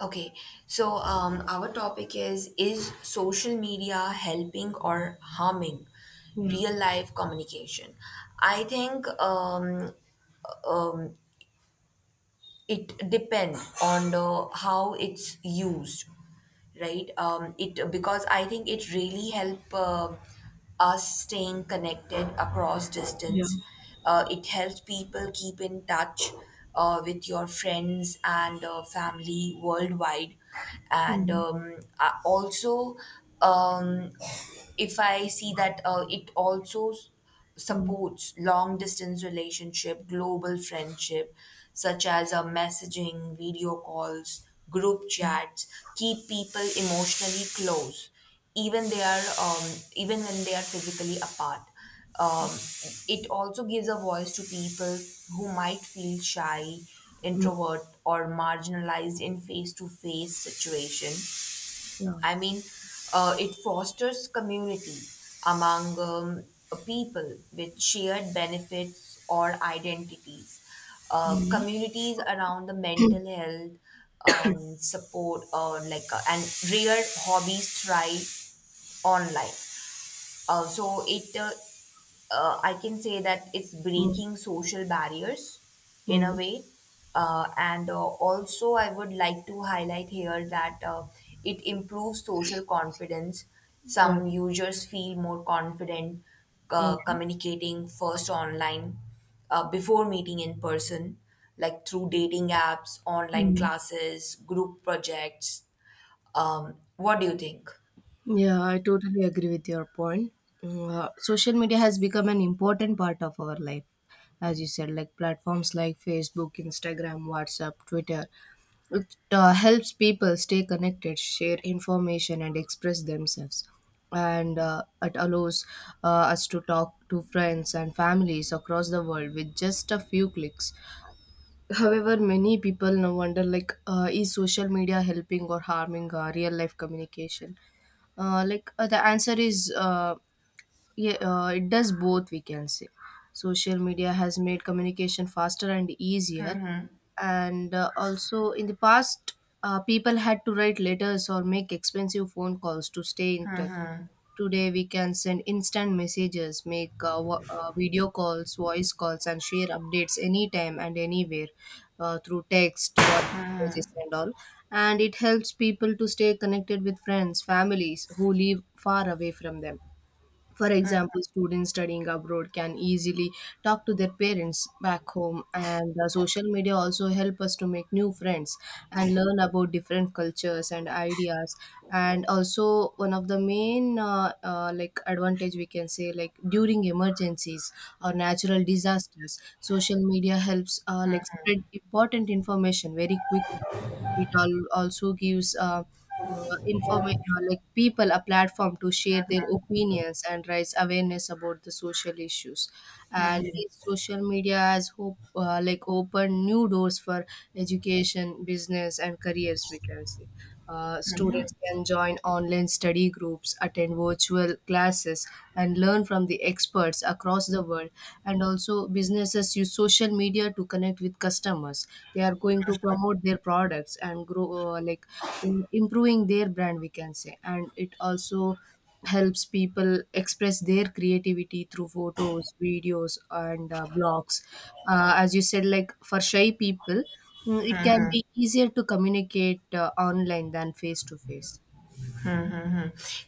Okay, so our topic is social media helping or harming Yeah, real life communication? I think um, it depends on how it's used, right? It, because I think it really help, us staying connected across yeah, distance. It helps people keep in touch with your friends and family worldwide. And mm, Also, um, if I see that it also mm, supports long distance relationship, global friendship, such as messaging, video calls, group chats, keep people emotionally close, even they are um, even when they are physically apart. Um, it also gives a voice to people who might feel shy, mm, introvert, or marginalized in face to face situation. yeah, I mean, it fosters community among people with shared benefits or identities. Mm, Communities around the mental health support, or like, and rare hobbies thrive online. Uh, so it, uh, I can say that it's mm, breaking social barriers in a mm, way. And Also, I would like to highlight here that it improves social confidence. yeah, Some users feel more confident mm, communicating first online before meeting in person, like through dating apps, online mm. classes, group projects. What do you think? Yeah, I totally agree with your point. Mm. Social media has become an important part of our life, as you said, like platforms like Facebook, Instagram, WhatsApp, Twitter. It helps people stay connected, share information, and express themselves. And uh, it allows uh, us to talk to friends and families across the world with just a few clicks. However, many people now wonder like, is social media helping or harming real life communication? Like, the answer is yeah, it does both, we can say. Social media has made communication faster and easier. And also, in the past, people had to write letters or make expensive phone calls to stay in touch. Today, we can send instant messages, make video calls, voice calls, and share updates anytime and anywhere through text, voice messages, and all. And it helps people to stay connected with friends, families who live far away from them. For example, students studying abroad can easily talk to their parents back home, and social media also help us to make new friends and learn about different cultures and ideas. And also, one of the main like advantage we can say, like during emergencies or natural disasters, social media helps like spread important information very quickly. It al also gives like people a platform to share their opinions and raise awareness about the social issues. And these social media has hope like open new doors for education, business, and careers, we can say. Students can join online study groups, attend virtual classes, and learn from the experts across the world. And also, businesses use social media to connect with customers. They are going to promote their products and grow, improving their brand, we can say. And it also helps people express their creativity through photos, videos, and blogs. As you said, like for shy people, mm, it can be easier to communicate online than face to face.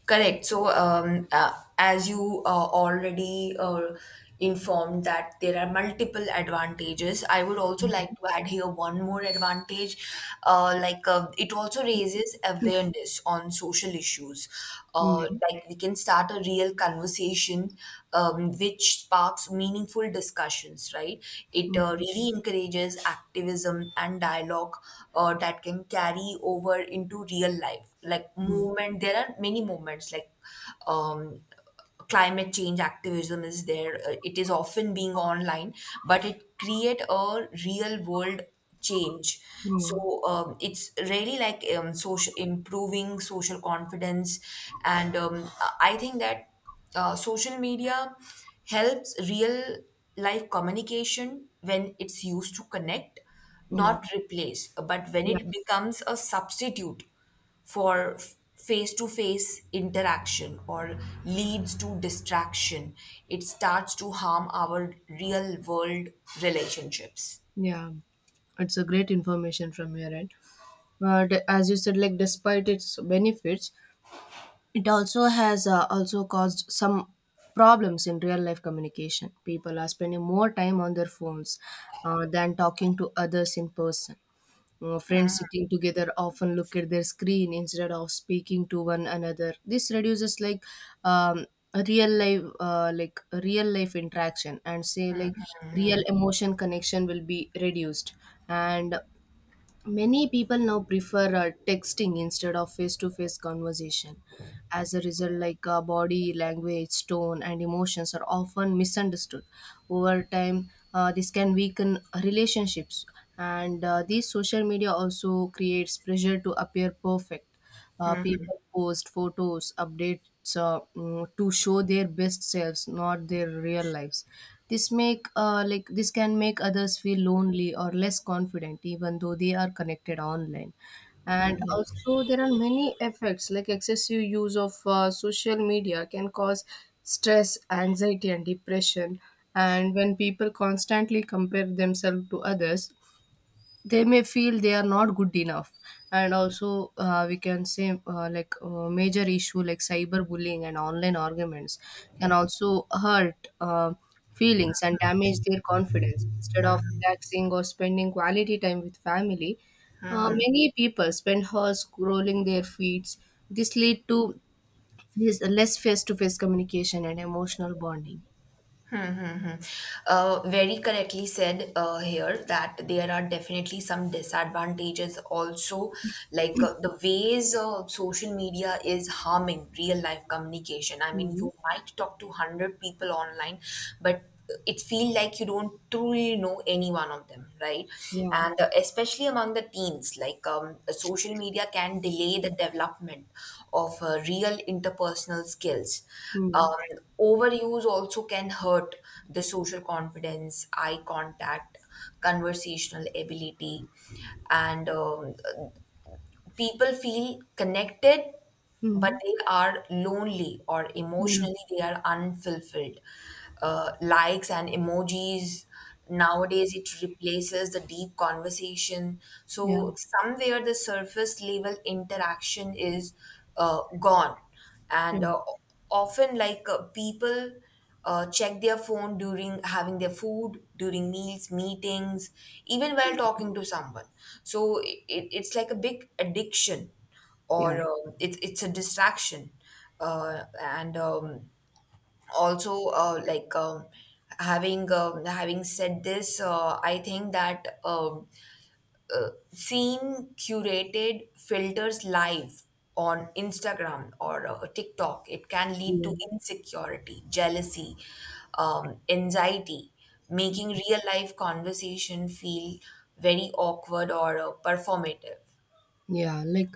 Correct. So, as you already informed that there are multiple advantages, I would also Mm, like to add here one more advantage. It also raises awareness on social issues. Uh, like we can start a real conversation, which sparks meaningful discussions. Right? It mm, really encourages activism and dialogue that can carry over into real life. Like mm, movement, there are many movements like um, climate change activism is there. It is often being online, but it create a real world change. mm, So it's really like social improving social confidence, and I think that social media helps real life communication when it's used to connect, not mm, replace. But when yeah, it becomes a substitute for face to face interaction or leads to distraction, it starts to harm our real world relationships. yeah. It's a great information from your end. But as you said, like, despite its benefits, it also has also caused some problems in real life communication. People are spending more time on their phones than talking to others in person. You know, friends sitting together often look at their screen instead of speaking to one another. This reduces, like, um, a real life interaction, and say like real emotion connection will be reduced. And many people now prefer texting instead of face-to-face conversation. As a result, like, body language, tone, and emotions are often misunderstood. Over time, this can weaken relationships, and these social media also creates pressure to appear perfect. People post photos, updates, to show their best selves, not their real lives. This can make others feel lonely or less confident, even though they are connected online. And also, there are many effects, like excessive use of social media can cause stress, anxiety, and depression. And when people constantly compare themselves to others, they may feel they are not good enough. And also, we can say, major issue like cyberbullying and online arguments can also hurt feelings and damage their confidence. Instead of relaxing or spending quality time with family, many people spend hours scrolling their feeds. This lead to this less face-to-face communication and emotional bonding. Mhm. Very correctly said here that there are definitely some disadvantages also, like the ways social media is harming real life communication. I mean, Hmm, you might talk to 100 people online, but it feels like you don't truly know any one of them, right? yeah, And especially among the teens, like social media can delay the development of real interpersonal skills. Hmm, Overuse also can hurt the social confidence, eye contact, conversational ability, and people feel connected, but hmm, they are lonely or yeah, emotionally they are unfulfilled. Likes and emojis nowadays it replaces the deep conversation. yeah, So somewhere the surface level interaction is gone, yeah, and often like people check their phone during having their food, during meals, meetings, even while talking to someone. So it's like a big addiction, or it's a distraction, and also like having having said this, I think that. Seeing curated filters live on Instagram or TikTok, it can lead yeah. to insecurity, jealousy, anxiety, making real life conversation feel very awkward or performative. Yeah, like,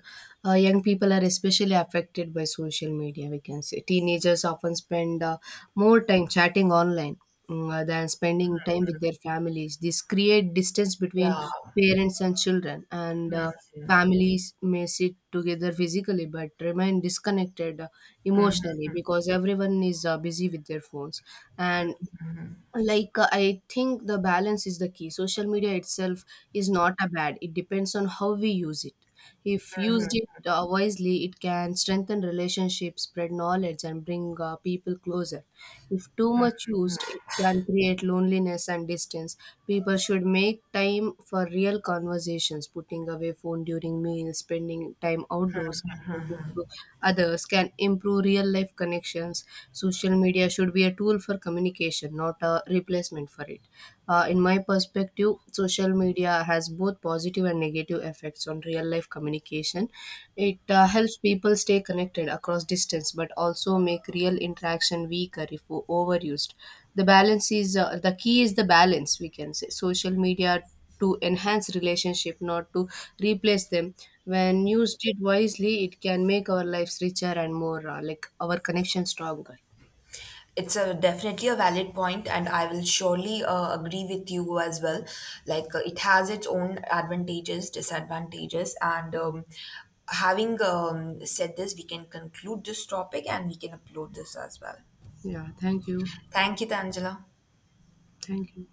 young people are especially affected by social media, we can say. Teenagers often spend more time chatting online, mm, than spending time with their families. This create distance between Yeah. parents and children, and families may sit together physically but remain disconnected emotionally because everyone is busy with their phones. And like, I think the balance is the key. Social media itself is not a bad, it depends on how we use it. If used it wisely, it can strengthen relationships, spread knowledge, and bring people closer. If too much used, it can create loneliness and distance. People should make time for real conversations. Putting away phone during meals, spending time outdoors, and listening to others can improve real life connections. Social media should be a tool for communication, not a replacement for it. In my perspective, social media has both positive and negative effects on real life communication. It helps people stay connected across distance, but also make real interaction weaker if overused. The key is the balance. We can say social media to enhance relationship, not to replace them. When used it wisely, it can make our lives richer and more like our connection stronger. It's a definitely a valid point, and I will surely agree with you as well. Like it has its own advantages, disadvantages, and having said this, we can conclude this topic and we can upload this as well. Yeah. Thank you. Thank you, Tangela. Thank you.